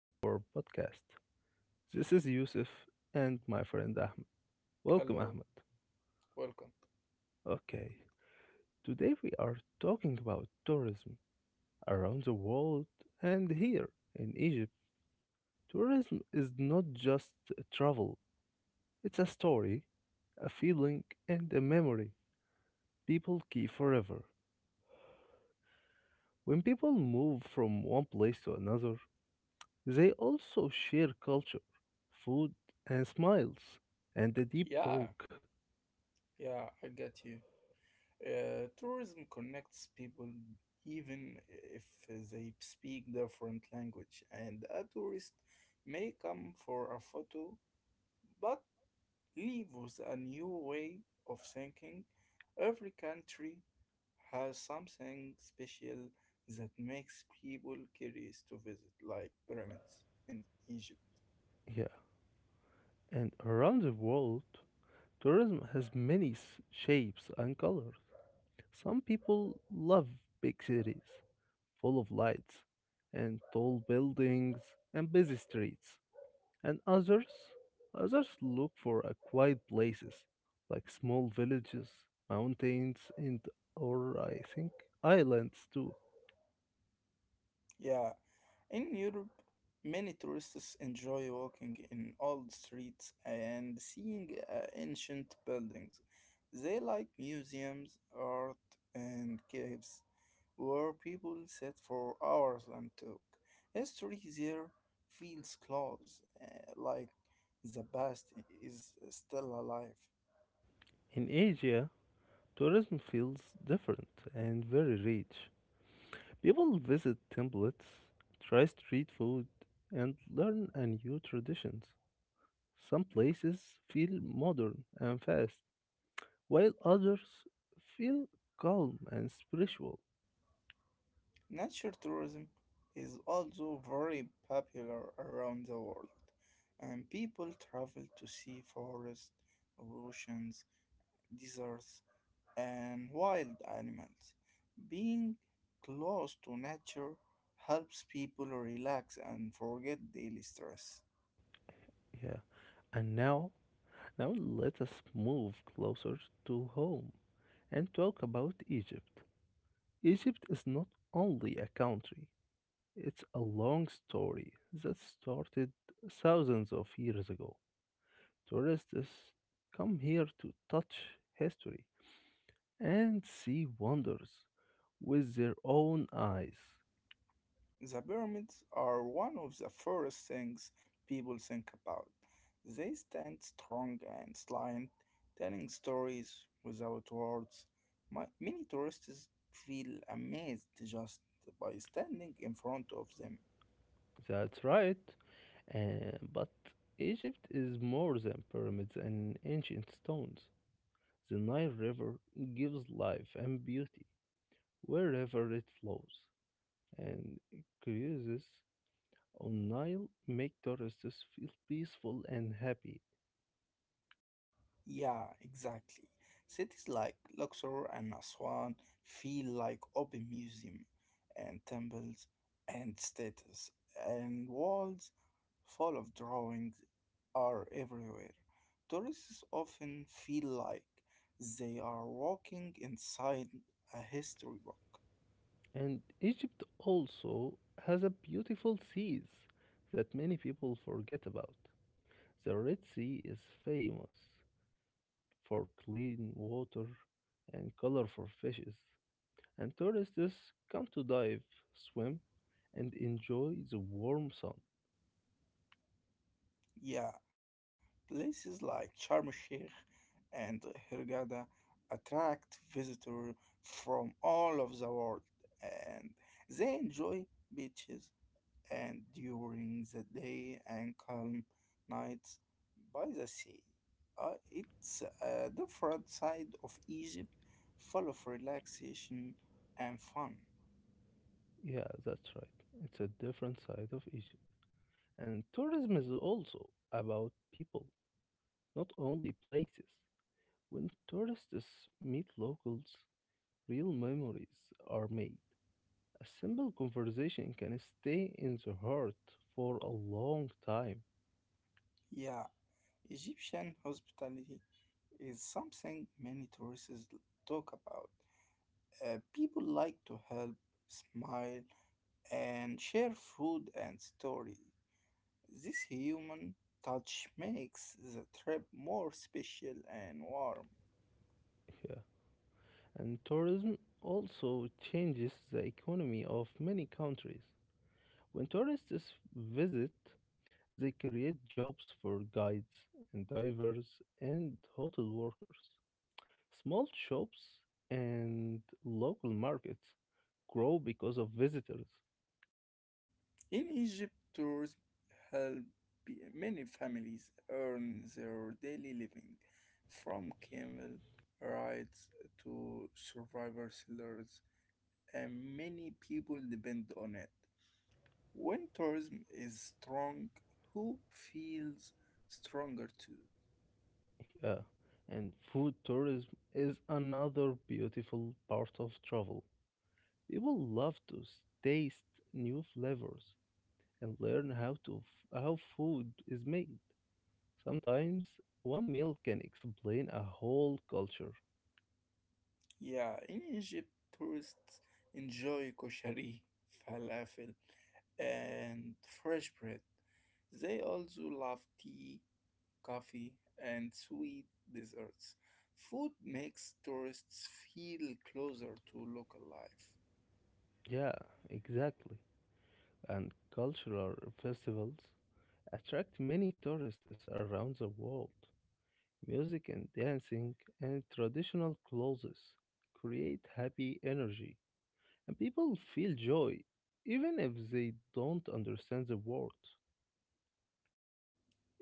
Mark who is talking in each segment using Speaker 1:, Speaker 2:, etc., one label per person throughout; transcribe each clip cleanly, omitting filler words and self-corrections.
Speaker 1: to our podcast. This is Yusuf and my friend Ahmed. Welcome, Ahmed.
Speaker 2: Hello, welcome.
Speaker 1: Okay, today we are talking about tourism around the world and here in Egypt. Tourism is not just travel, it's a story, a feeling, and a memory people keep forever. When people move from one place to another, they also share culture, food, and smiles, and a deep
Speaker 2: Yeah,
Speaker 1: talk.
Speaker 2: yeah, I get you. Tourism connects people even if they speak different language, and a tourist may come for a photo but leave with a new way of thinking. Every country has something special that makes people curious to visit, like pyramids in Egypt.
Speaker 1: Yeah, and around the world, tourism has many shapes and colors. Some people love big cities, full of lights, and tall buildings, and busy streets. And others look for a quiet places, like small villages, mountains, and or I think islands too.
Speaker 2: Yeah. In Europe, many tourists enjoy walking in old streets and seeing ancient buildings. They like museums, art, and caves, where people sit for hours and talk. History there feels close, like the past is still alive.
Speaker 1: In Asia, tourism feels different and very rich. People visit templates, try street food, and learn a new traditions. Some places feel modern and fast, while others feel calm and spiritual.
Speaker 2: Nature tourism is also very popular around the world, and people travel to see forests, oceans, deserts, and wild animals. Being close to nature helps people relax and forget daily stress.
Speaker 1: Yeah. And now let us move closer to home and talk about Egypt. Egypt is not only a country, it's a long story that started thousands of years ago. Tourists come here to touch history and see wonders with their own eyes.
Speaker 2: The pyramids are one of the first things people think about. They stand strong and silent, telling stories without words. Many tourists feel amazed just by standing in front of them.
Speaker 1: That's right. But Egypt is more than pyramids and ancient stones. The Nile River gives life and beauty wherever it flows, and curiouses on Nile make tourists feel peaceful and happy.
Speaker 2: Yeah, exactly. Cities like Luxor and Aswan feel like open museum and temples and statues, and walls full of drawings are everywhere. Tourists often feel like they are walking inside a history book.
Speaker 1: And Egypt also has a beautiful seas that many people forget about. The Red Sea is famous for clean water and colorful fishes, and tourists come to dive, swim, and enjoy the warm sun.
Speaker 2: Yeah, places like Sharm el Sheikh and Hurghada attract visitors from all of the world and they enjoy beaches and during the day and calm nights by the sea. It's a different side of Egypt full of relaxation and fun.
Speaker 1: Yeah, that's right. It's a different side of Egypt. And tourism is also about people, not only places. When tourists meet locals, real memories are made. A simple conversation can stay in the heart for a long time.
Speaker 2: Yeah. Egyptian hospitality is something many tourists talk about. People like to help, smile, and share food and story. This human touch makes the trip more special and warm.
Speaker 1: Yeah. And tourism also changes the economy of many countries. When tourists visit, they create jobs for guides and divers and hotel workers. Small shops and local markets grow because of visitors.
Speaker 2: In Egypt, tours help many families earn their daily living, from camel rides to survivor sellers and many people depend on it. When tourism is strong, who feels stronger too.
Speaker 1: Yeah, and food tourism is another beautiful part of travel. People love to taste new flavors and learn how food is made. Sometimes one meal can explain a whole culture.
Speaker 2: Yeah, in Egypt, tourists enjoy koshari, falafel, and fresh bread. They also love tea, coffee, and sweet desserts. Food makes tourists feel closer to local life.
Speaker 1: Yeah, exactly. And cultural festivals attract many tourists around the world. Music and dancing and traditional clothes create happy energy. And people feel joy, even if they don't understand the word.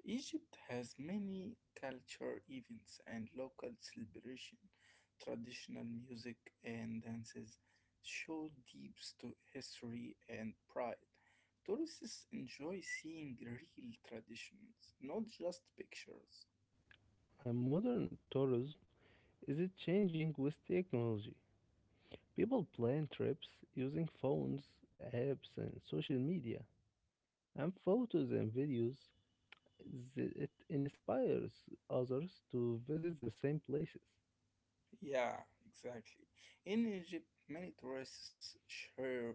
Speaker 2: Egypt has many culture events and local celebration. Traditional music and dances show history and pride. Tourists enjoy seeing real traditions, not just pictures.
Speaker 1: And modern tourism is it changing with technology. People plan trips using phones, apps, and social media, and photos and videos. It inspires others to visit the same places.
Speaker 2: Yeah, exactly. In Egypt, many tourists share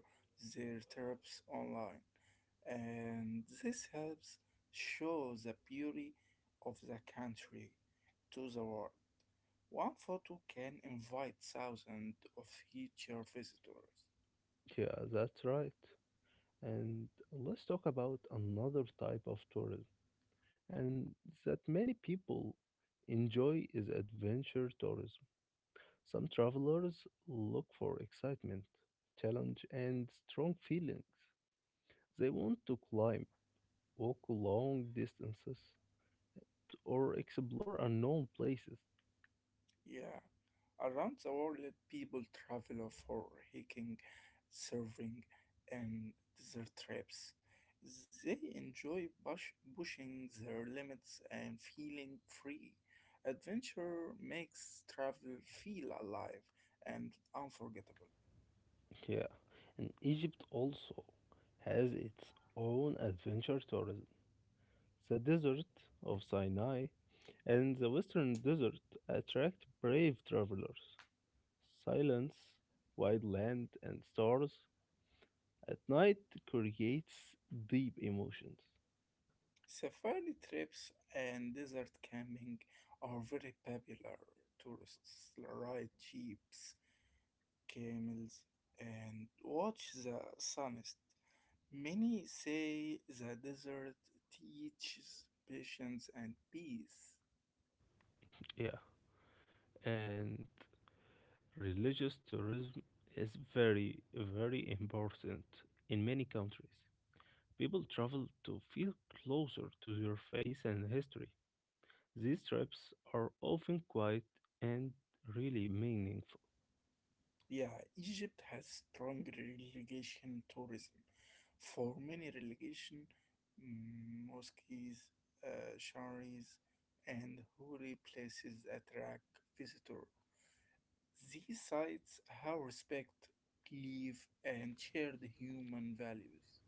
Speaker 2: their trips online, and this helps show the beauty of the country to the world. One photo can invite thousands of future visitors.
Speaker 1: Yeah, that's right. And let's talk about another type of tourism, and that many people enjoy is adventure tourism. Some travelers look for excitement, challenge, and strong feelings. They want to climb, walk long distances, or explore unknown places.
Speaker 2: Yeah, around the world, people travel for hiking, surfing, and desert trips. They enjoy pushing their limits and feeling free. Adventure makes travel feel alive and unforgettable.
Speaker 1: Yeah, and Egypt also has its own adventure tourism. The desert of Sinai and the western desert attract brave travelers. Silence, wide land, and stars at night creates deep emotions.
Speaker 2: Safari trips and desert camping are very popular. Tourists ride jeeps, camels, and watch the sunset. Many say the desert teaches patience and peace.
Speaker 1: Yeah, and religious tourism is very, very important in many countries. People travel to feel closer to their faith and history. These trips are often quiet and really meaningful.
Speaker 2: Yeah, Egypt has strong relegation tourism. For many relegation, mosques, shrines, and holy places attract visitors. These sites have respect, belief, and shared human values.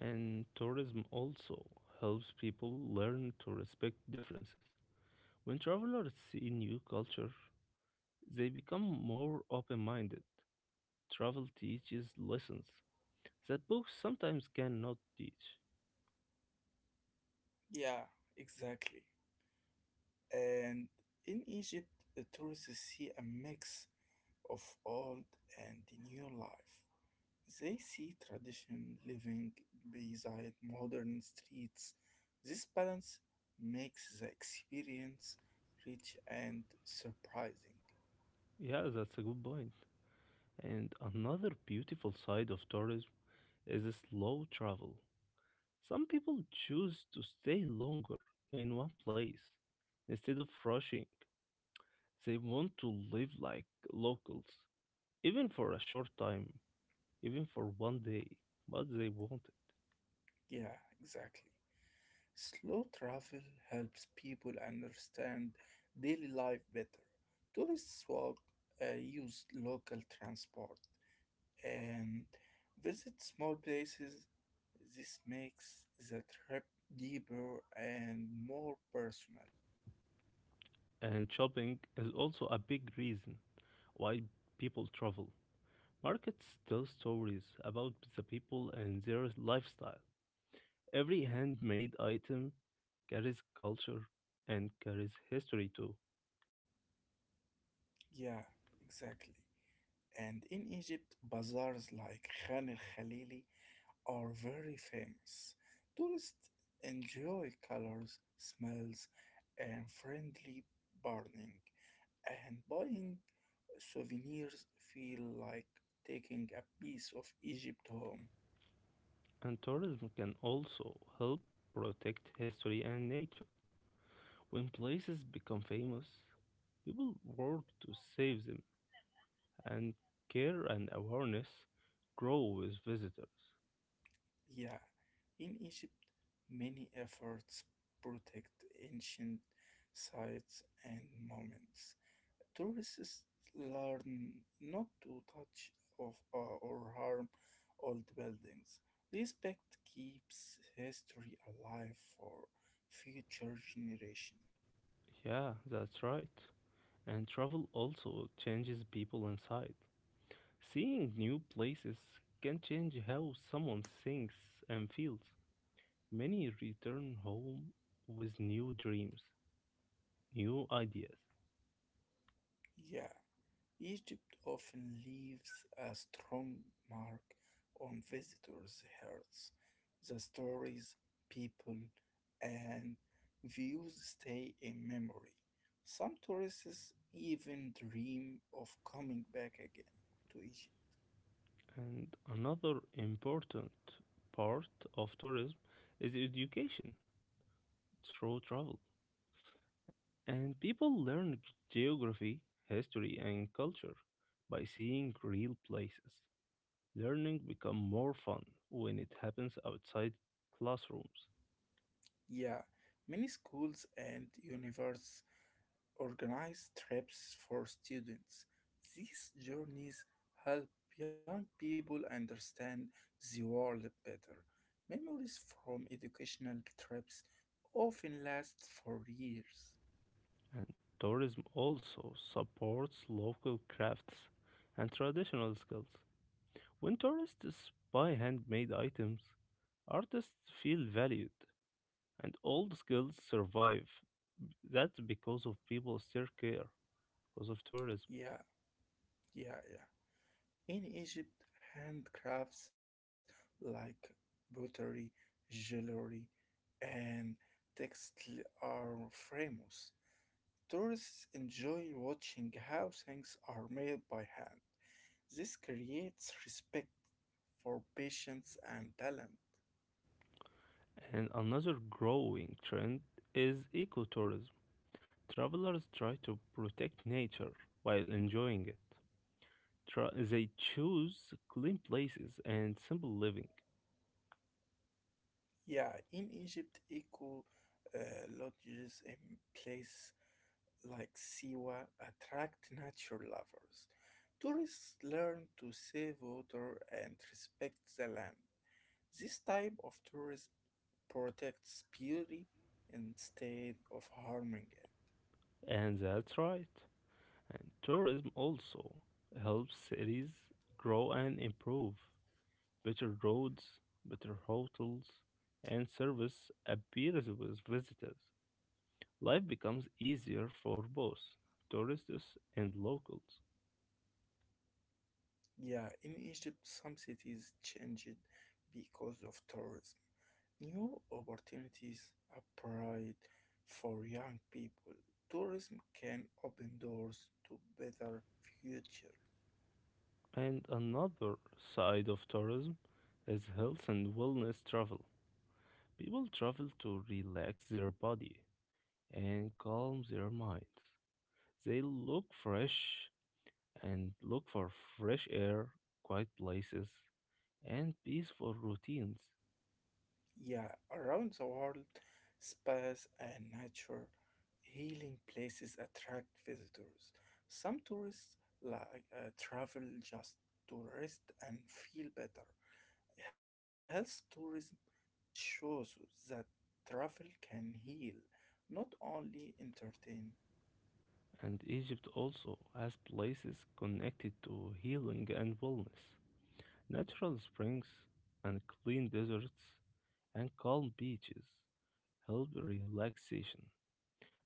Speaker 1: And tourism also helps people learn to respect differences. When travelers see new culture, they become more open minded. Travel teaches lessons that books sometimes cannot teach.
Speaker 2: Yeah, exactly. And in Egypt, the tourists see a mix of old and new life. They see tradition living beside modern streets. This balance makes the experience rich and surprising.
Speaker 1: Yeah, that's a good point. And another beautiful side of tourism is slow travel. Some people choose to stay longer in one place instead of rushing. They want to live like locals, even for a short time, even for one day, but they want it.
Speaker 2: Yeah, exactly. Slow travel helps people understand daily life better. Tourists walk, use local transport, and visit small places. This makes the trip deeper and more personal.
Speaker 1: And shopping is also a big reason why people travel. Markets tell stories about the people and their lifestyle. Every handmade item carries culture and carries history too.
Speaker 2: Yeah, exactly. And in Egypt, bazaars like Khan el Khalili are very famous. Tourists enjoy colors, smells, and friendly bargaining, and buying souvenirs feel like taking a piece of Egypt home.
Speaker 1: And tourism can also help protect history and nature. When places become famous, people work to save them, and care and awareness grow with visitors.
Speaker 2: Yeah, in Egypt, many efforts protect ancient sites and moments. Tourists learn not to touch or harm old buildings. Respect keeps history alive for future generations.
Speaker 1: Yeah, that's right. And travel also changes people inside. Seeing new places can change how someone thinks and feels. Many return home with new dreams, new ideas.
Speaker 2: Yeah. Egypt often leaves a strong mark on visitors' hearts. The stories, people, and views stay in memory. Some tourists even dream of coming back again to Egypt.
Speaker 1: And another important part of tourism is education through travel. And people learn geography, history, and culture by seeing real places. Learning become more fun when it happens outside classrooms.
Speaker 2: Yeah, many schools and universities organize trips for students. These journeys help young people understand the world better. Memories from educational trips often last for years.
Speaker 1: And tourism also supports local crafts and traditional skills. When tourists buy handmade items, artists feel valued and old skills survive. That's because of people still care because of tourism.
Speaker 2: Yeah, yeah, yeah. In Egypt, handcrafts like pottery, jewelry, and textile are famous. Tourists enjoy watching how things are made by hand. This creates respect for patience and talent.
Speaker 1: And another growing trend is ecotourism. Travelers try to protect nature while enjoying it. They choose clean places and simple living.
Speaker 2: Yeah, in Egypt, eco uh, lodges in place like Siwa attract nature lovers. Tourists learn to save water and respect the land. This type of tourism protects beauty instead of harming it.
Speaker 1: And that's right. And tourism also helps cities grow and improve. Better roads, better hotels, and service appears with visitors. Life becomes easier for both tourists and locals.
Speaker 2: Yeah, in Egypt, some cities changed because of tourism. New opportunities appeared for young people. Tourism can open doors to better future.
Speaker 1: And another side of tourism is health and wellness travel. People travel to relax their body and calm their minds. They look for fresh air, quiet places, and peaceful routines.
Speaker 2: Yeah, around the world, spas and nature healing places attract visitors. Some tourists like travel just to rest and feel better. Health tourism shows that travel can heal, not only entertain.
Speaker 1: And Egypt also has places connected to healing and wellness, natural springs and clean deserts, and calm beaches help relaxation.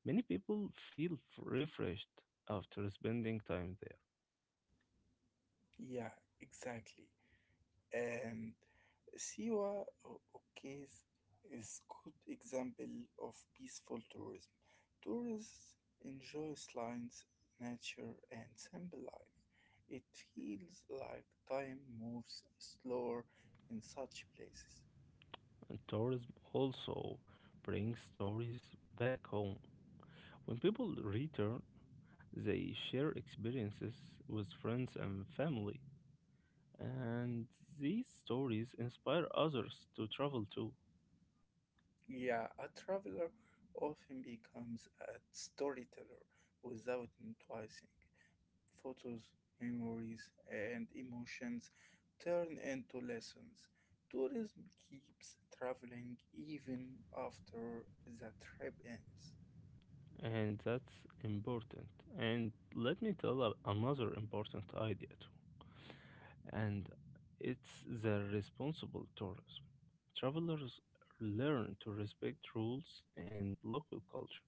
Speaker 1: Many people feel refreshed after spending time there.
Speaker 2: Yeah, exactly. And Siwa case is good example of peaceful tourism. Tourists enjoy slides, nature, and simple life. It feels like time moves slower in such places.
Speaker 1: And tourism also brings stories back home. When people return, they share experiences with friends and family, and these stories inspire others to travel too.
Speaker 2: Yeah, a traveler often becomes a storyteller without noticing. Photos, memories, and emotions turn into lessons. Tourism keeps traveling even after the trip ends.
Speaker 1: And that's important. And let me tell another important idea too. And it's the responsible tourism. Travelers learn to respect rules and local culture,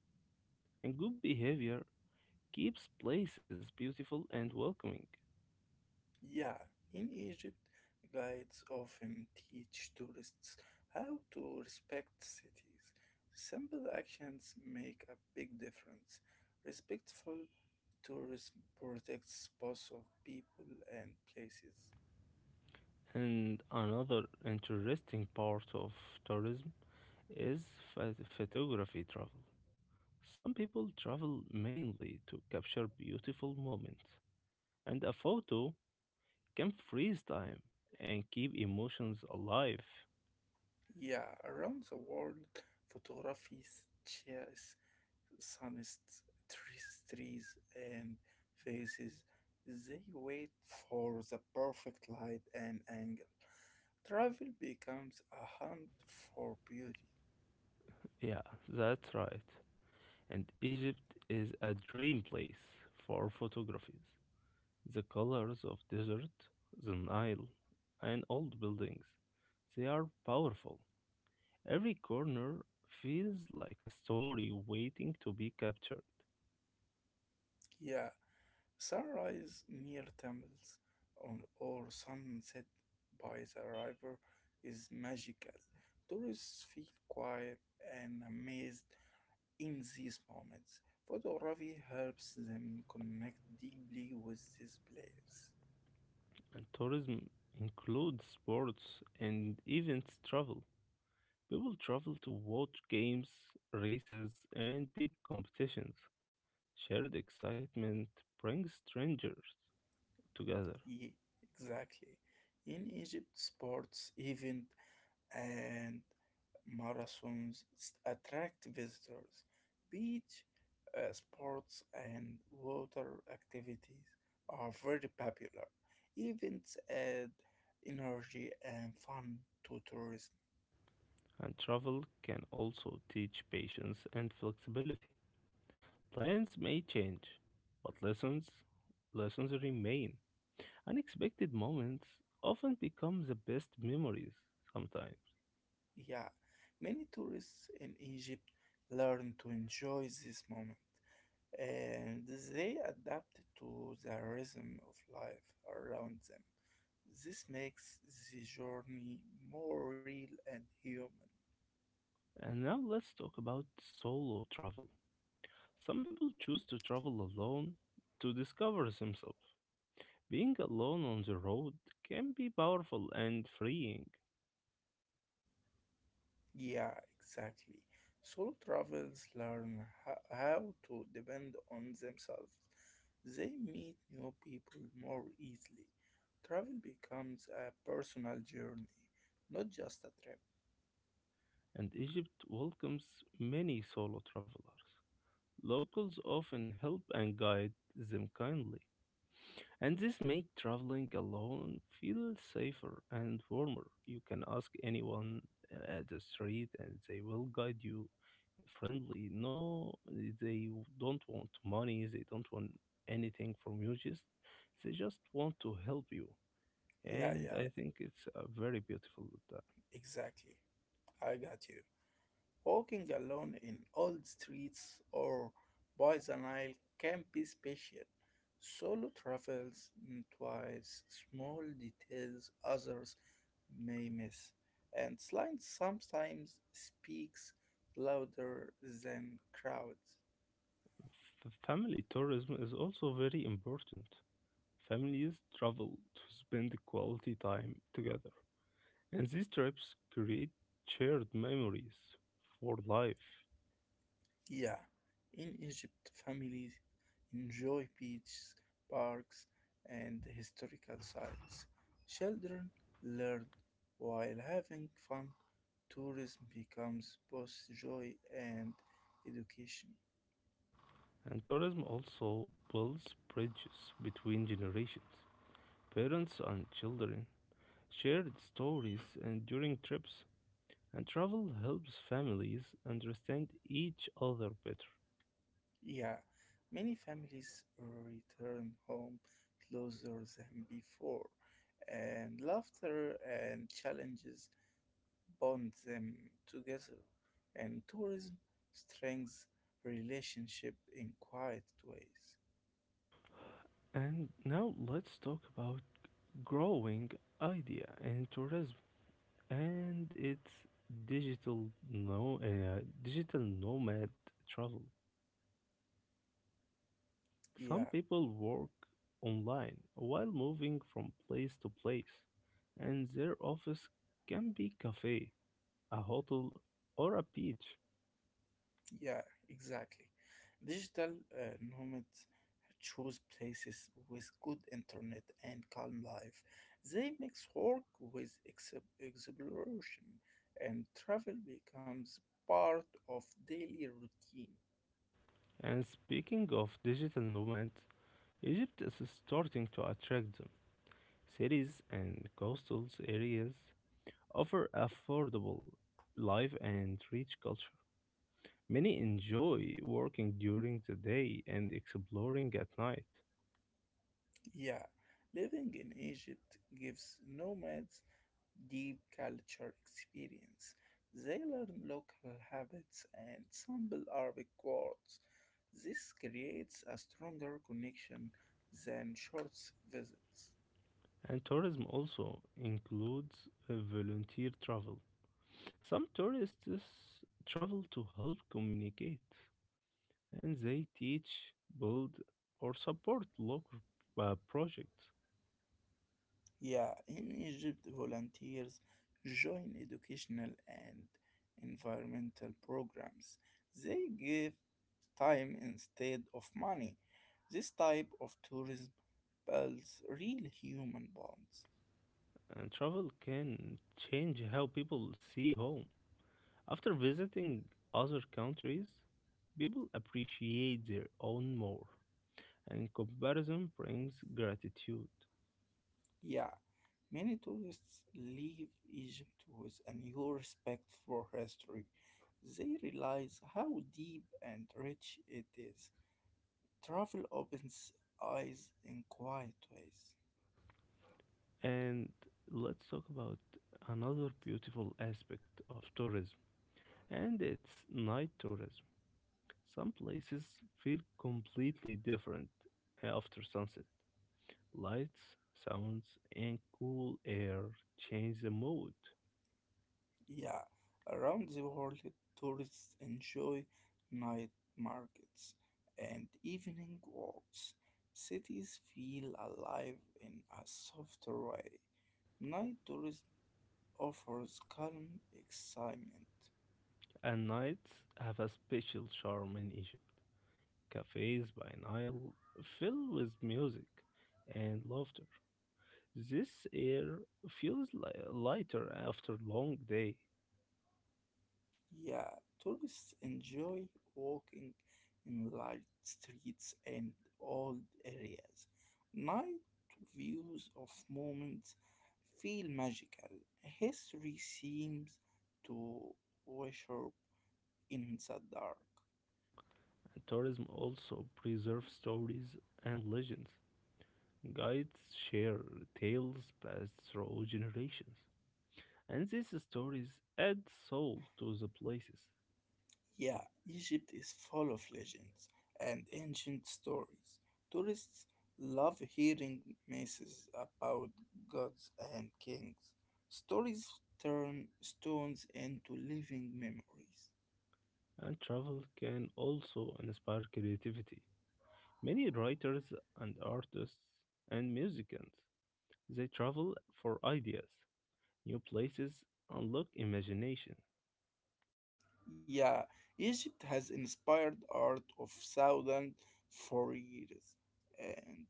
Speaker 1: and good behavior keeps places beautiful and welcoming.
Speaker 2: Yeah, in Egypt, guides often teach tourists how to respect cities. Simple actions make a big difference. Respectful tourism protects spots of people and places.
Speaker 1: And another interesting part of tourism is photography travel. Some people travel mainly to capture beautiful moments, and a photo can freeze time and keep emotions alive.
Speaker 2: Yeah, around the world, photography shares sunsets, trees, and faces. They wait for the perfect light and angle. Travel becomes a hunt for beauty.
Speaker 1: Yeah, that's right. And Egypt is a dream place for photographies. The colors of desert, the Nile, and old buildings, they are powerful. Every corner feels like a story waiting to be captured.
Speaker 2: Yeah, sunrise near temples or sunset by the river is magical. Tourists feel quiet and amazed in these moments. Photography helps them connect deeply with these players.
Speaker 1: And tourism includes sports and events travel. People travel to watch games, races, and big competitions. Shared excitement brings strangers together,
Speaker 2: Yeah, exactly. In Egypt, sports events and attract visitors. Beach sports and water activities are very popular. Events add energy and fun to tourism.
Speaker 1: and travel can also teach patience and flexibility. Plans may change, but lessons remain. Unexpected moments often become the best memories sometimes.
Speaker 2: Yeah, many tourists in Egypt learn to enjoy this moment and they adapt to the rhythm of life around them. This makes the journey more real and human.
Speaker 1: And now let's talk about solo travel. Some people choose to travel alone to discover themselves. Being alone on the road can be powerful and freeing,
Speaker 2: Yeah, exactly. Solo travelers learn how to depend on themselves. They meet new people more easily. Travel becomes a personal journey, not just a trip.
Speaker 1: and Egypt welcomes many solo travelers. Locals often help and guide them kindly. And this make traveling alone feel safer and warmer. You can ask anyone at the street and they will guide you friendly. No, they don't want money, they don't want anything from you, just they just want to help you.
Speaker 2: Yeah,
Speaker 1: And
Speaker 2: yeah,
Speaker 1: I think it's a very beautiful time.
Speaker 2: exactly. I got you. Walking alone in old streets or by the Nile can be special. Solo travels twice small details others may miss, and silence sometimes speaks louder than crowds.
Speaker 1: Family tourism is also very important. Families travel to spend quality time together. And these trips create shared memories for life.
Speaker 2: Yeah, in Egypt, families enjoy beaches, parks, and historical sites. Children learn while having fun. Tourism becomes both joy and education.
Speaker 1: And tourism also builds bridges between generations. Parents and children share stories and during trips, and travel helps families understand each other better.
Speaker 2: Yeah, many families return home closer than before, and laughter and challenges bound them together, and tourism strengthens relationship in quiet ways.
Speaker 1: And now let's talk about growing idea in tourism and its digital no digital nomad travel. Some
Speaker 2: Yeah,
Speaker 1: people work online while moving from place to place, and their office can be cafe, a hotel, or a beach.
Speaker 2: yeah, exactly. Digital nomads choose places with good internet and calm life. They mix work with exploration, and travel becomes part of daily routine.
Speaker 1: And speaking of digital nomads, Egypt is starting to attract them. Cities and coastal areas offer affordable life and rich culture. Many enjoy working during the day and exploring at night.
Speaker 2: Yeah, living in Egypt gives nomads deep culture experience. They learn local habits and sample Arabic words. This creates a stronger connection than short visits.
Speaker 1: And tourism also includes volunteer travel. Some tourists travel to help communicate, and they teach, build, or support local projects.
Speaker 2: Yeah, in Egypt, volunteers join educational and environmental programs. They give time instead of money. This type of tourism builds real human bonds.
Speaker 1: And travel can change how people see home. After visiting other countries, people appreciate their own more, and comparison brings gratitude.
Speaker 2: Yeah, many tourists leave Egypt with a new respect for history. They realize how deep and rich it is. Travel opens eyes in quiet ways.
Speaker 1: And let's talk about another beautiful aspect of tourism, and it's night tourism. Some places feel completely different after sunset. Lights, sounds, and cool air change the mood.
Speaker 2: Yeah, around the world, tourists enjoy night markets and evening walks. Cities feel alive in a softer way. Night tourism offers calm excitement.
Speaker 1: And nights have a special charm in Egypt. Cafes by Nile filled with music and laughter. This air feels lighter after long day.
Speaker 2: Yeah, tourists enjoy walking in light streets and old areas. Night views of moments feel magical. History seems to worship in the dark.
Speaker 1: Tourism also preserves stories and legends. Guides share tales passed through generations, and these stories add soul to the places.
Speaker 2: Yeah, Egypt is full of legends and ancient stories. Tourists love hearing myths about gods and kings. Stories turn stones into living memories.
Speaker 1: And travel can also inspire creativity. Many writers and artists and musicians they travel for ideas. New places unlock imagination.
Speaker 2: Yeah, Egypt has inspired art of thousands for years, and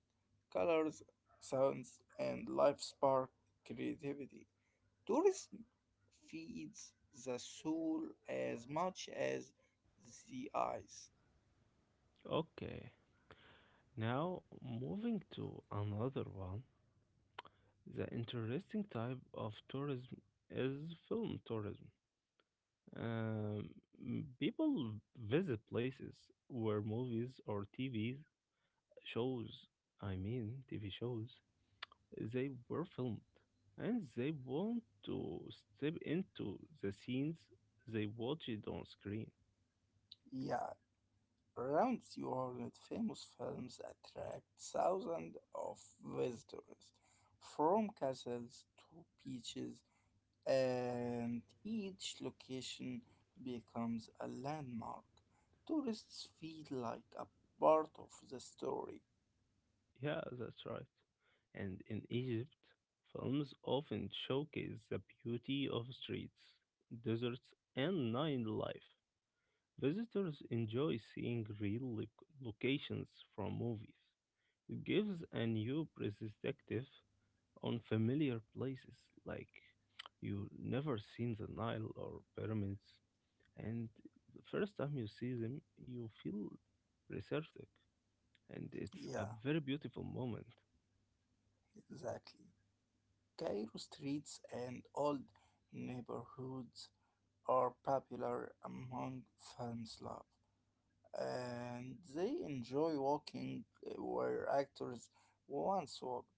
Speaker 2: colors, sounds, and life spark creativity. Tourism feeds the soul as much as the eyes.
Speaker 1: Okay, now moving to another one. The interesting type of tourism is film tourism. Um, People visit places where movies or TV shows, I mean, TV shows, they were filmed and they want to step into the scenes they watched on screen.
Speaker 2: Yeah, around the world, famous films attract thousands of visitors from castles to beaches, and each location becomes a landmark. Tourists feel like a part of the story.
Speaker 1: Yeah, that's right. And in Egypt, films often showcase the beauty of streets, deserts, and nightlife. Visitors enjoy seeing real locations from movies. It gives a new perspective on familiar places, like you never seen the Nile or pyramids, and the first time you see them, you feel receptive, and it's
Speaker 2: Yeah,
Speaker 1: a very beautiful moment.
Speaker 2: exactly. Cairo streets and old neighborhoods are popular among film's love, and they enjoy walking where actors once walked.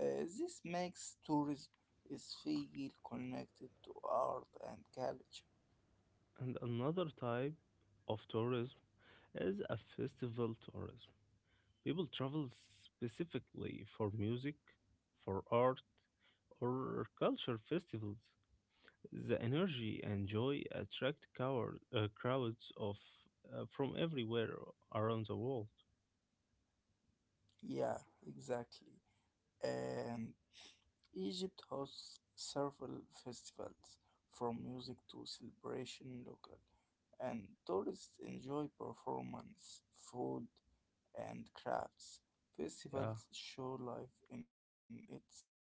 Speaker 2: This makes tourism is feel connected to art and culture.
Speaker 1: And another type of tourism is a festival tourism. People travel specifically for music, for art, or culture festivals. The energy and joy attract crowds of from everywhere around the world.
Speaker 2: Yeah, exactly. And Egypt hosts several festivals, from music to celebration local, and tourists enjoy performance, food, and crafts.
Speaker 1: Yeah,
Speaker 2: Festivals show life in its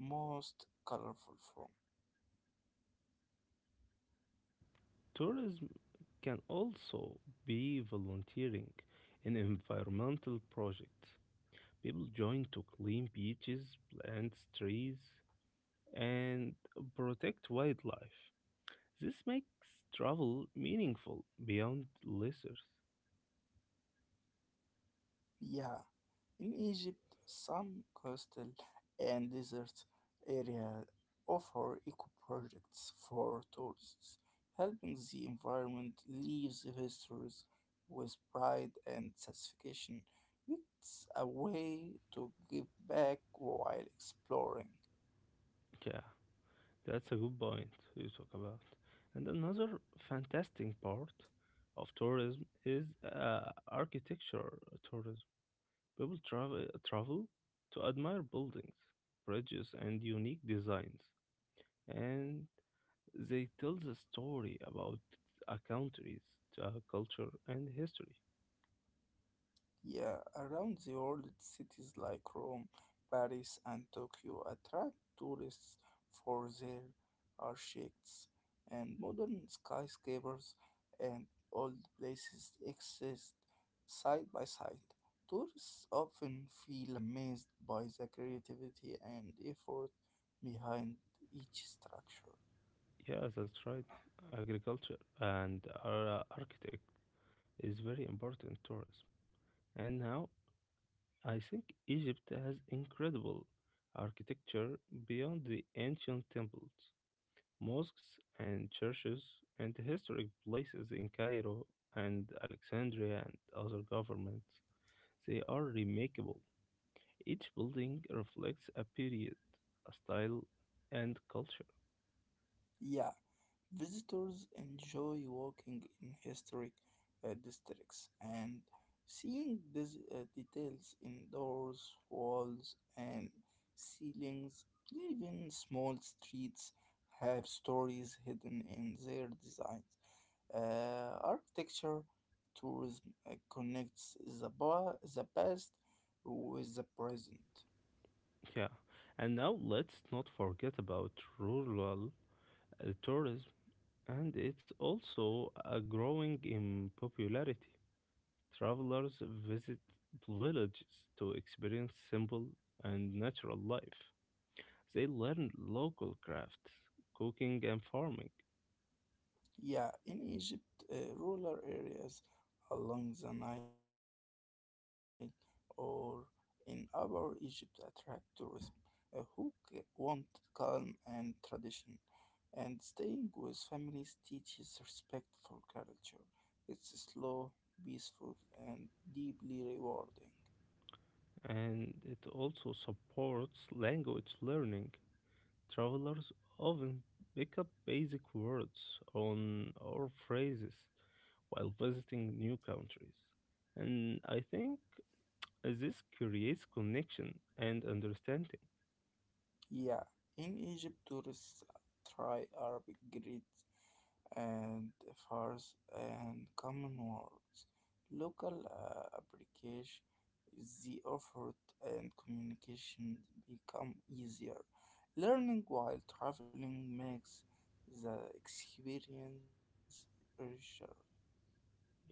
Speaker 2: most colorful form.
Speaker 1: tourism can also be volunteering in environmental projects. People join to clean beaches, plant trees, and protect wildlife. This makes travel meaningful beyond leisure.
Speaker 2: Yeah, in Egypt, some coastal and desert areas offer eco projects for tourists, helping the environment leaves visitors with pride and satisfaction. It's a way to give back while exploring.
Speaker 1: Yeah, that's a good point you talk about. And another fantastic part of tourism is architecture tourism. People travel to admire buildings, bridges, and unique designs, and they tell the story about a country's culture and history.
Speaker 2: Yeah, around the world, cities like Rome, Paris, and Tokyo attract tourists for their architects and modern skyscrapers, and old places exist side by side. Tourists often feel amazed by the creativity and effort behind each structure.
Speaker 1: Yeah, that's right. Agriculture and our, architecture is very important tourism. And now I think Egypt has incredible architecture beyond the ancient temples, mosques and churches and historic places in Cairo and Alexandria and other governments. They are remarkable. Each building reflects a period, a style and culture.
Speaker 2: Yeah, visitors enjoy walking in historic districts and seeing these details in doors, walls, and ceilings. Even small streets have stories hidden in their designs. Architecture tourism connects the past with the present.
Speaker 1: Yeah. And now let's not forget about rural tourism and it's also growing in popularity. Travelers visit villages to experience simple and natural life. They learn local crafts, cooking, and farming,
Speaker 2: Yeah, in Egypt, rural areas along the Nile or in Upper Egypt attract tourists want calm and tradition, and staying with families teaches respect for culture. It's slow, peaceful, and deeply rewarding.
Speaker 1: and it also supports language learning. Travelers often pick up basic words on or phrases while visiting new countries. And I think this creates connection and understanding.
Speaker 2: Yeah, in Egypt, tourists try Arabic greet and first and common words. Local application is the effort and communication become easier. Learning while traveling makes the experience richer.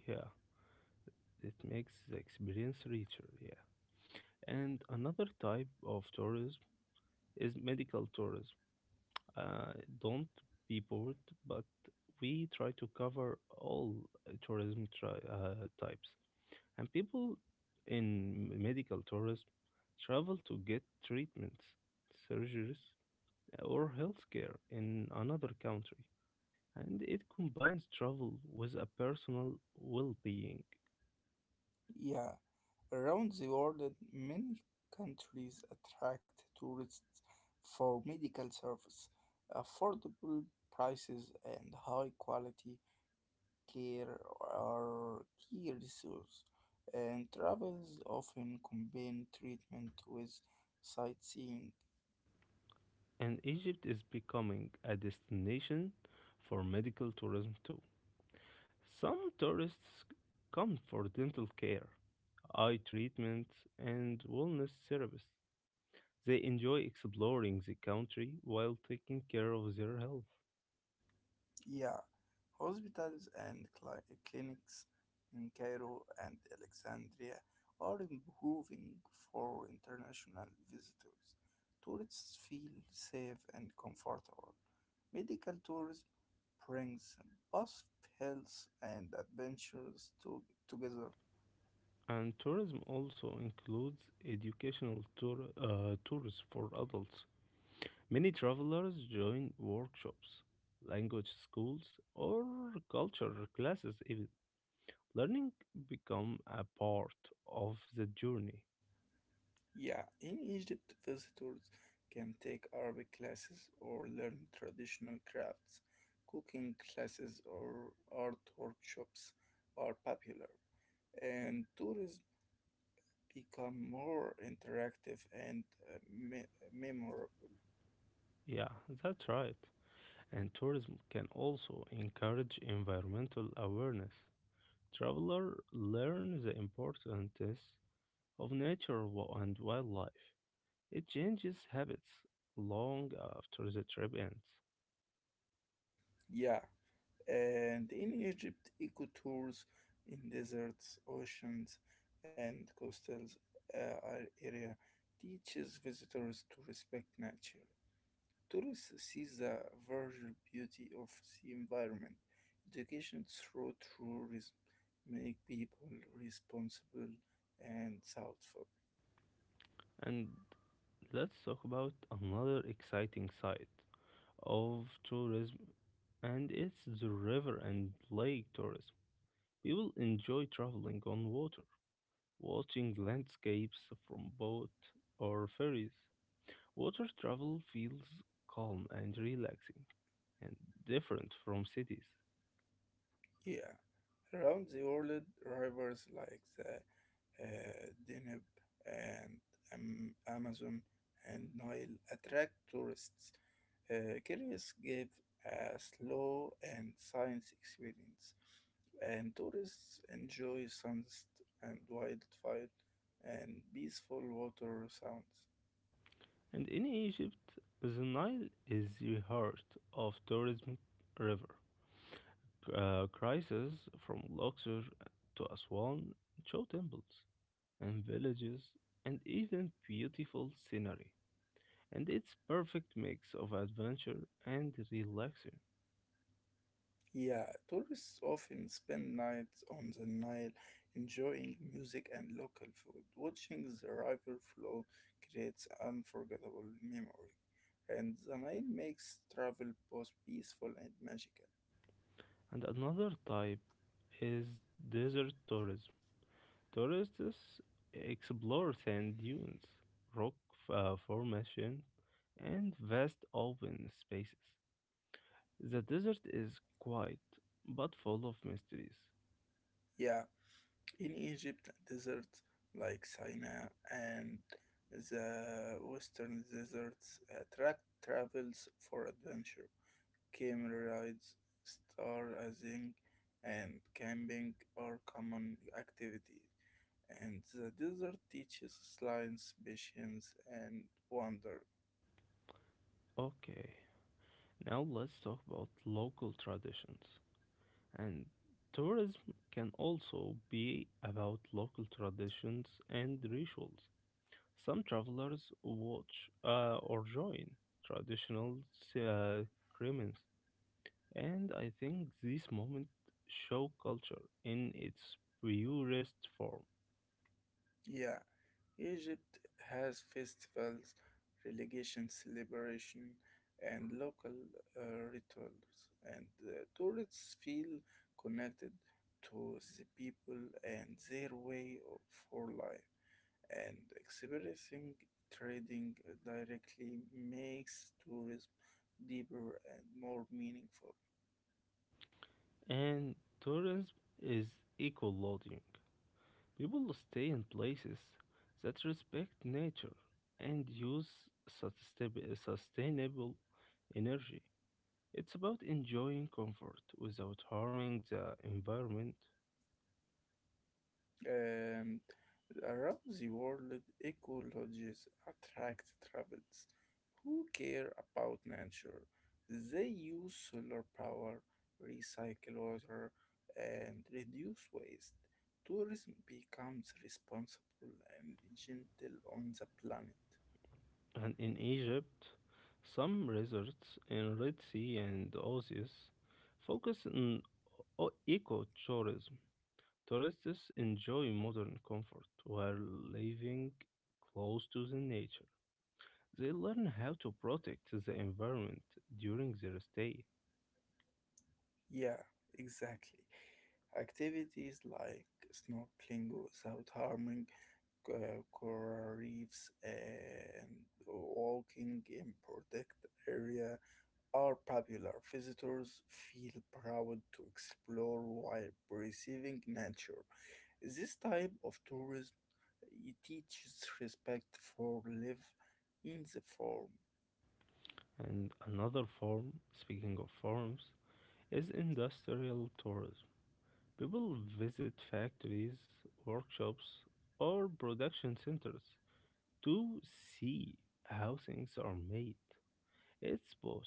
Speaker 1: Yeah, it makes the experience richer. Yeah. And another type of tourism is medical tourism. Uh, don't be bored, but we try to cover all tourism types. And people in medical tourism travel to get treatments, surgeries, or healthcare in another country. And it combines travel with a personal well being.
Speaker 2: Yeah, around the world, many countries attract tourists for medical service, affordable prices, and high quality care are key resources, and travels often combine treatment with sightseeing.
Speaker 1: And Egypt is becoming a destination for medical tourism too. Some tourists come for dental care, eye treatment, and wellness service. They enjoy exploring the country while taking care of their health.
Speaker 2: Yeah, hospitals and clinics in Cairo and Alexandria are improving for international visitors. Tourists feel safe and comfortable. Medical tourism brings both health and adventures together.
Speaker 1: And tourism also includes tours for adults. Many travelers join workshops, language schools, or culture classes even. Learning become a part of the journey.
Speaker 2: Yeah, in Egypt, visitors can take Arabic classes or learn traditional crafts. Cooking classes or art workshops are popular, and tourism become more interactive and uh, me- memorable.
Speaker 1: Yeah, that's right. And tourism can also encourage environmental awareness. Traveler learn the importance of and wildlife. It changes habits long after the trip ends.
Speaker 2: Yeah, and in Egypt, eco tours in deserts, oceans, and coastal area teaches visitors to respect nature. Tourists see the virgin beauty of the environment. Education through tourism make people responsible and thoughtful.
Speaker 1: And let's talk about another exciting side of tourism and it's the river and lake tourism. People enjoy traveling on water, watching landscapes from boat or ferries. Water travel feels calm and relaxing and different from cities.
Speaker 2: Yeah, around the world, rivers like the Danube, and Amazon and Nile attract tourists. Curious give a slow and science experience, and tourists enjoy sunset and wildfire and peaceful water sounds.
Speaker 1: And in Egypt, the Nile is the heart of tourism river. Crisis from Luxor to Aswan show temples and villages and even beautiful scenery. And it's perfect mix of adventure and relaxing.
Speaker 2: Yeah, tourists often spend nights on the Nile enjoying music and local food. Watching the river flow creates unforgettable memories. And the Nile makes travel both peaceful and magical.
Speaker 1: And another type is desert tourism. Tourists explore sand dunes, rock formation, and vast open spaces. The desert is quiet but full of mysteries.
Speaker 2: Yeah, in Egypt, deserts like Sinai and the western deserts attract travels for adventure. Camel rides, stargazing, and camping are common activities, and the desert teaches lions patience and wonder.
Speaker 1: Okay, now let's talk about local traditions. And tourism can also be about local traditions and rituals. Some travelers watch or join traditional uh, ceremonies, and I think these moments show culture in its purest form.
Speaker 2: Yeah, Egypt has festivals, religious celebration, and local rituals, and tourists feel connected to the people and their way of for life. And experiencing trading directly makes tourism deeper and more meaningful.
Speaker 1: And tourism is eco loading. People stay in places that respect nature and use sustainable energy. It's about enjoying comfort without harming the environment.
Speaker 2: Um, around the world, ecologists attract travelers who care about nature. They use solar power, recycle water, and reduce waste. Tourism becomes responsible and gentle on the planet.
Speaker 1: And in Egypt, some resorts in Red Sea and Oasis focus on ecotourism. Tourists enjoy modern comfort while living close to the nature. They learn how to protect the environment during their stay.
Speaker 2: Yeah, exactly. Activities like snorkeling without harming coral reefs and walking in protected area are popular. Visitors feel proud to explore while preserving nature. This type of tourism it teaches respect for life in the form.
Speaker 1: And another form, speaking of forms, is industrial tourism. People visit factories, workshops, or production centers to see how things are made. It's both,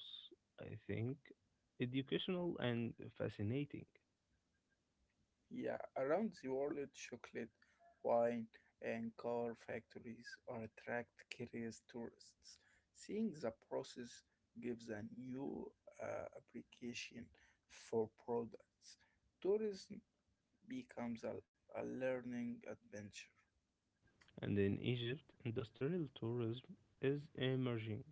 Speaker 1: I think, educational and fascinating.
Speaker 2: Yeah, around the world, chocolate, wine, and car factories are attract curious tourists. Seeing the process gives a new application for products. Tourism becomes a learning adventure.
Speaker 1: And in Egypt, industrial tourism is emerging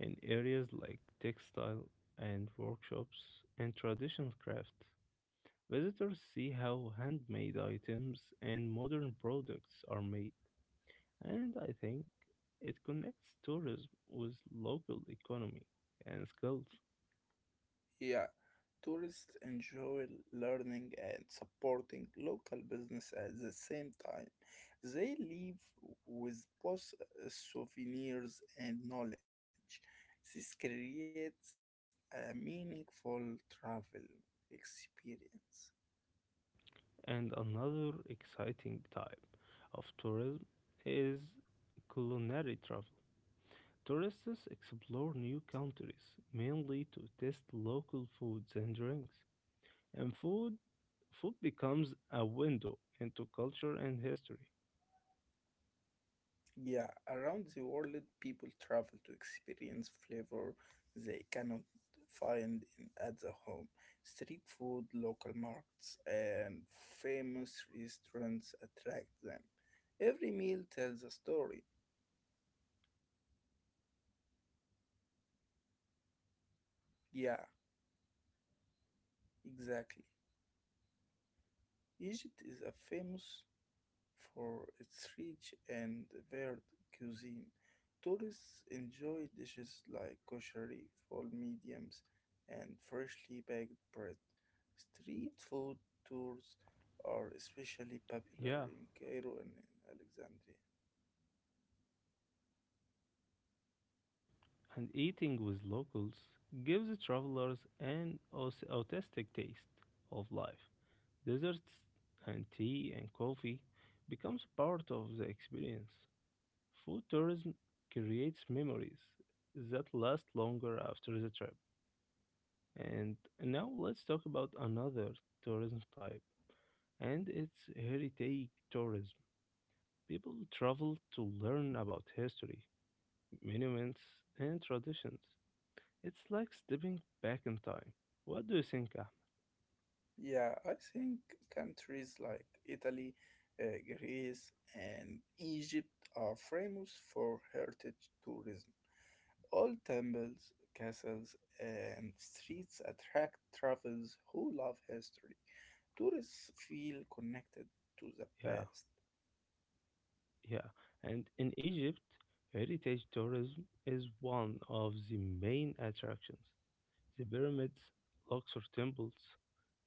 Speaker 1: in areas like textile and workshops and traditional crafts. Visitors see how handmade items and modern products are made, and I think it connects tourism with local economy and skills.
Speaker 2: Yeah, tourists enjoy learning and supporting local business at the same time. They leave with both souvenirs and knowledge. This creates a meaningful travel experience.
Speaker 1: And another exciting type of tourism is culinary travel. Tourists explore new countries mainly to taste local foods and drinks. And food becomes a window into culture and history.
Speaker 2: Yeah, around the world, people travel to experience flavor they cannot find in, at the home. Street food, local markets, and famous restaurants attract them. Every meal tells a story. Yeah, exactly. Egypt is a famous for its rich and varied cuisine. Tourists enjoy dishes like koshari, fall mediums, and freshly baked bread. Street food tours are especially
Speaker 1: Yeah,
Speaker 2: popular in Cairo and in Alexandria.
Speaker 1: and eating with locals gives travelers an authentic taste of life. Desserts and tea and coffee becomes part of the experience. Food tourism creates memories that last longer after the trip. And now let's talk about another tourism type, and it's heritage tourism. People travel to learn about history, monuments, and traditions. It's like stepping back in time. What do you think, Ahmed?
Speaker 2: Yeah, I think countries like Italy, Greece, and Egypt are famous for heritage tourism. Old temples, castles, and streets attract travelers who love history. Tourists feel connected to the
Speaker 1: Yeah,
Speaker 2: past.
Speaker 1: yeah. And in Egypt, heritage tourism is one of the main attractions. The pyramids, Luxor temples,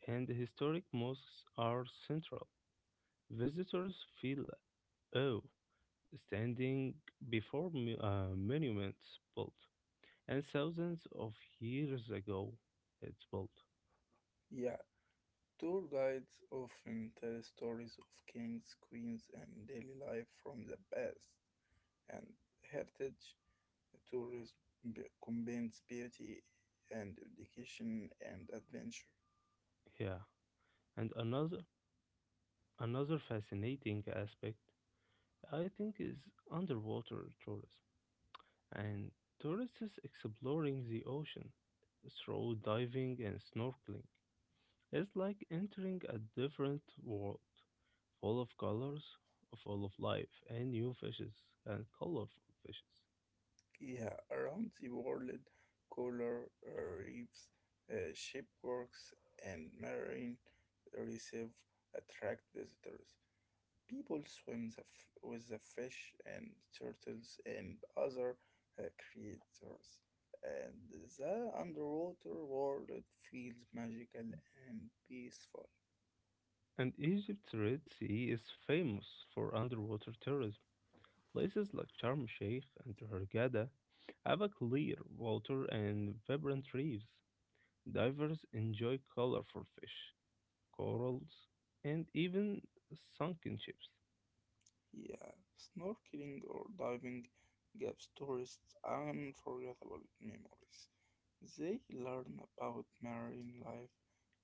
Speaker 1: and historic mosques are central. Visitors feel awe standing before monuments built and thousands of years ago it's built.
Speaker 2: Yeah, tour guides often tell stories of kings, queens, and daily life from the past. And heritage tourism combines beauty and education and adventure.
Speaker 1: Yeah, and another fascinating aspect I think is underwater tourism and tourists exploring the ocean through diving and snorkeling. It's like entering a different world, full of colors, full of life, and new fishes, and colorful fishes.
Speaker 2: Yeah, around the world, coral reefs, shipwrecks, and marine reserve attract visitors. People swim with the fish and turtles and other creatures, and the underwater world feels magical and peaceful.
Speaker 1: And Egypt's Red Sea is famous for underwater tourism. Places like Sharm el Sheikh and Hurghada have a clear water and vibrant reefs. Divers enjoy colorful fish, corals, and even sunken ships.
Speaker 2: Yeah, snorkeling or diving gives tourists unforgettable memories. They learn about marine life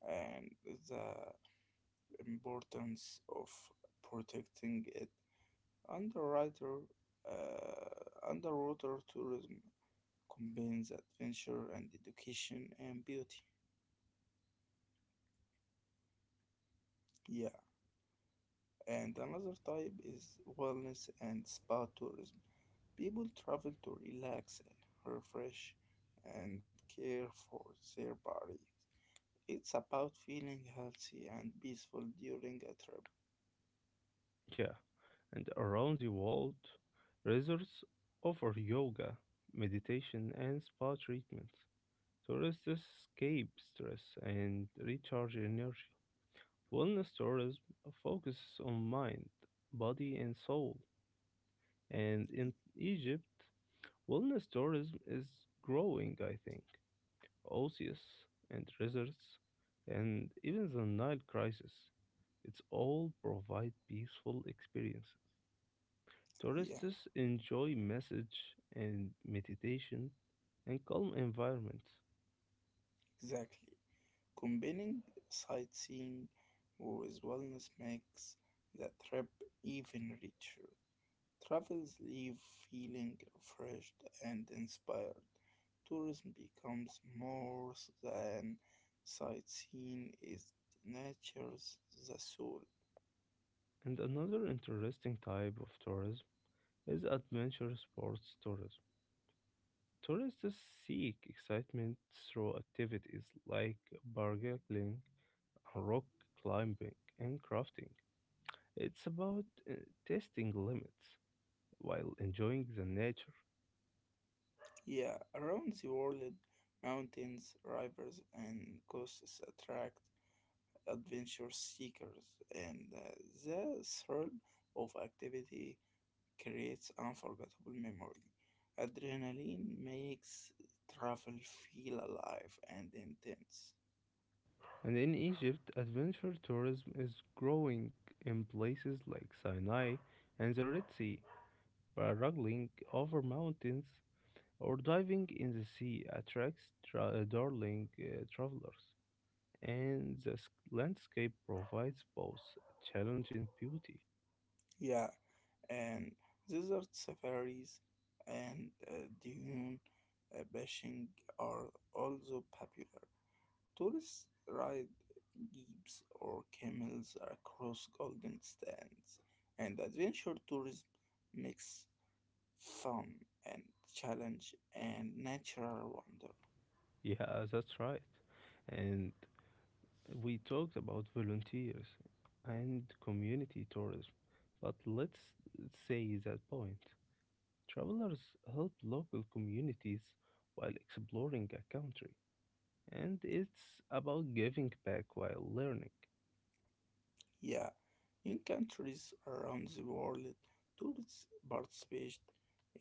Speaker 2: and the importance of protecting it. Underwriter, underwater tourism combines adventure and education and beauty. Yeah, and another type is wellness and spa tourism. People travel to relax, refresh, and care for their bodies. It's about feeling healthy and peaceful during a trip.
Speaker 1: Yeah, and around the world, resorts offer yoga, meditation, and spa treatments. Tourists escape stress and recharge energy. Wellness tourism focuses on mind, body, and soul. And in Egypt, wellness tourism is growing, I think. Oasis and resorts, and even the Nile crisis. It's all provide peaceful experiences.
Speaker 2: Yeah.
Speaker 1: Tourists enjoy massage and meditation and calm environments.
Speaker 2: Exactly. Combining sightseeing with wellness makes the trip even richer. Travels leave feeling refreshed and inspired. Tourism becomes more than sightseeing, it nurtures the soul.
Speaker 1: And another interesting type of tourism is adventure sports tourism. Tourists seek excitement through activities like bargaining, rock climbing, and crafting. It's about testing limits while enjoying the nature.
Speaker 2: Yeah, around the world, mountains, rivers, and coasts attract adventure seekers, and the thrill of activity creates unforgettable memory. Adrenaline makes travel feel alive and intense.
Speaker 1: And in Egypt, adventure tourism is growing in places like Sinai and the Red Sea. By Paddling over mountains or diving in the sea attracts tra- darling travelers, and the landscape provides both challenge and beauty.
Speaker 2: Yeah, and desert safaris and dune bashing are also popular. Tourists ride jeeps or camels across golden sands, and adventure tourism makes fun and challenge and natural wonder.
Speaker 1: Yeah, that's right. And we talked about volunteers and community tourism, but let's say that point. Travelers help local communities while exploring a country, and it's about giving back while learning.
Speaker 2: Yeah, in countries around the world, tourists participate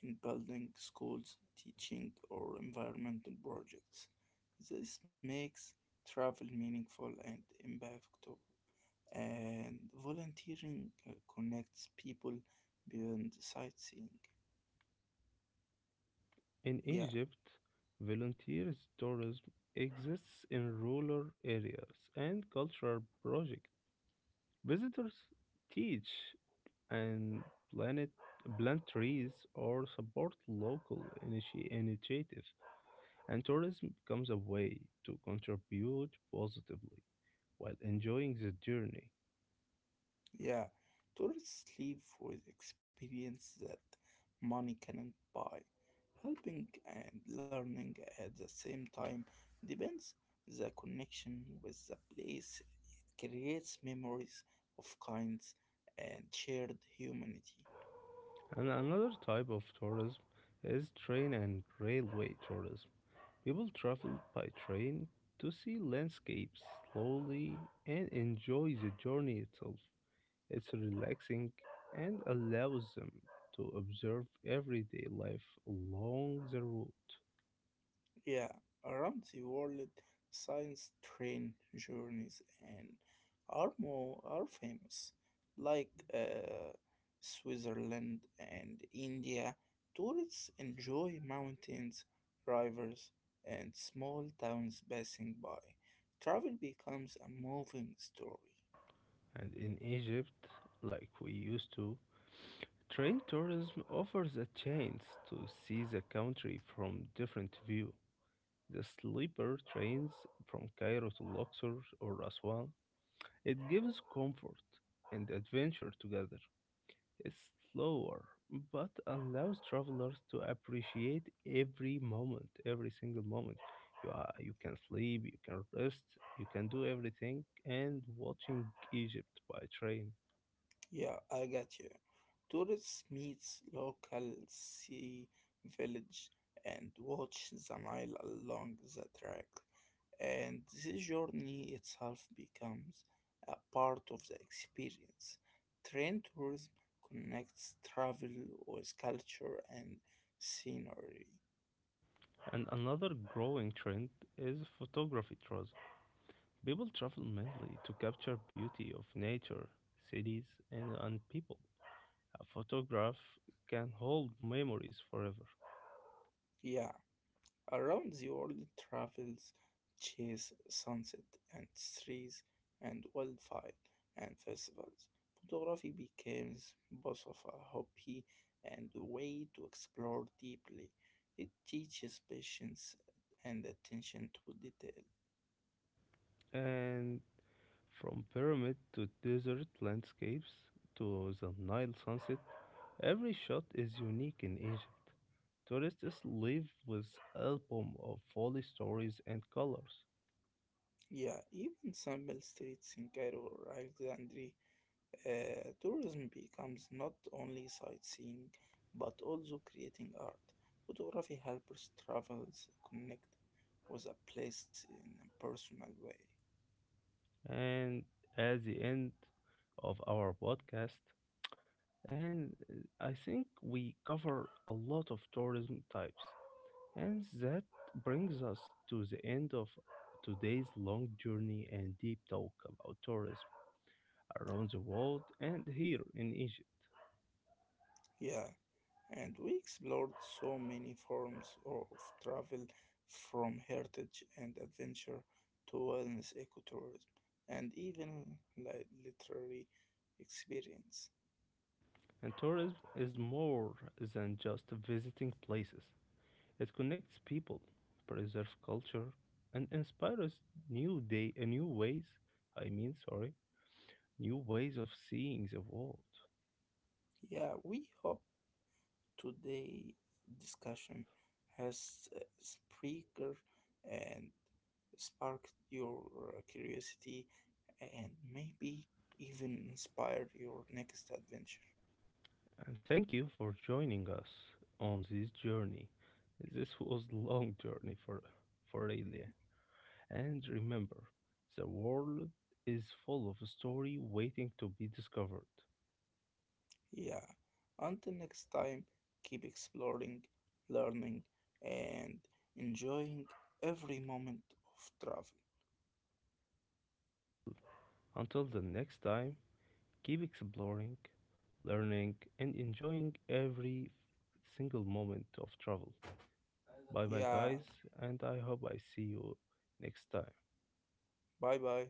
Speaker 2: in building schools, teaching, or environmental projects. This makes travel meaningful and impactful. And volunteering connects people beyond sightseeing.
Speaker 1: In
Speaker 2: Yeah.
Speaker 1: Egypt, volunteer tourism exists in rural areas and cultural projects. Visitors teach and plant, plant trees or support local initiatives, and tourism becomes a way to contribute positively while enjoying the journey.
Speaker 2: Yeah, tourists leave with experience that money cannot buy. Helping and learning at the same time depends the connection with the place. It creates memories of kinds and shared humanity.
Speaker 1: And another type of tourism is train and railway tourism. People travel by train to see landscapes slowly and enjoy the journey itself. It's relaxing and allows them to observe everyday life along the route.
Speaker 2: Yeah, around the world, science train journeys and are more are famous, like Switzerland and India. Tourists enjoy mountains, rivers, and small towns passing by. Travel becomes a moving story.
Speaker 1: And in Egypt, like we used to, train tourism offers a chance to see the country from different view. The sleeper trains from Cairo to Luxor or Aswan. It gives comfort and adventure together. Is slower, but allows travelers to appreciate every moment, every single moment. You, are, you can sleep, you can rest, you can do everything, and watching Egypt by train.
Speaker 2: Yeah, I got you. Tourists meet local sea village and watch the Nile along the track. And this journey itself becomes a part of the experience. Train tourism connects travel with culture and scenery.
Speaker 1: And another growing trend is photography tours. People travel mainly to capture beauty of nature, cities, and people. A photograph can hold memories forever.
Speaker 2: Yeah, around the world travels chase sunset and trees and wildfire and festivals. Photography becomes both of a hobby and a way to explore deeply. It teaches patience and attention to detail.
Speaker 1: And from pyramid to desert landscapes to the Nile sunset, every shot is unique in Egypt. Tourists leave with album of folly stories and colors.
Speaker 2: Yeah, even simple streets in Cairo or Alexandria, tourism becomes not only sightseeing but also creating art. Photography helps travelers connect with a place in a personal way.
Speaker 1: And at the end of our podcast, and I think we cover a lot of tourism types. And that brings us to the end of today's long journey and deep talk about tourism around the world and here in Egypt.
Speaker 2: Yeah, and we explored so many forms of travel from heritage and adventure to wellness ecotourism and even like literary experience.
Speaker 1: And tourism is more than just visiting places. It connects people, preserves culture, and inspires new ways. I mean, sorry, new ways of seeing the world.
Speaker 2: Yeah, we hope today discussion has and sparked your curiosity and maybe even inspired your next adventure.
Speaker 1: And thank you for joining us on this journey. This was long journey for Elia. And remember, the world is full of story waiting to be discovered.
Speaker 2: Yeah. Until next time, keep exploring, learning, and enjoying every moment of travel.
Speaker 1: Until the next time, keep exploring, learning, and enjoying every single moment of travel. Bye bye,
Speaker 2: Yeah.
Speaker 1: guys, and I hope I see you next time.
Speaker 2: Bye bye.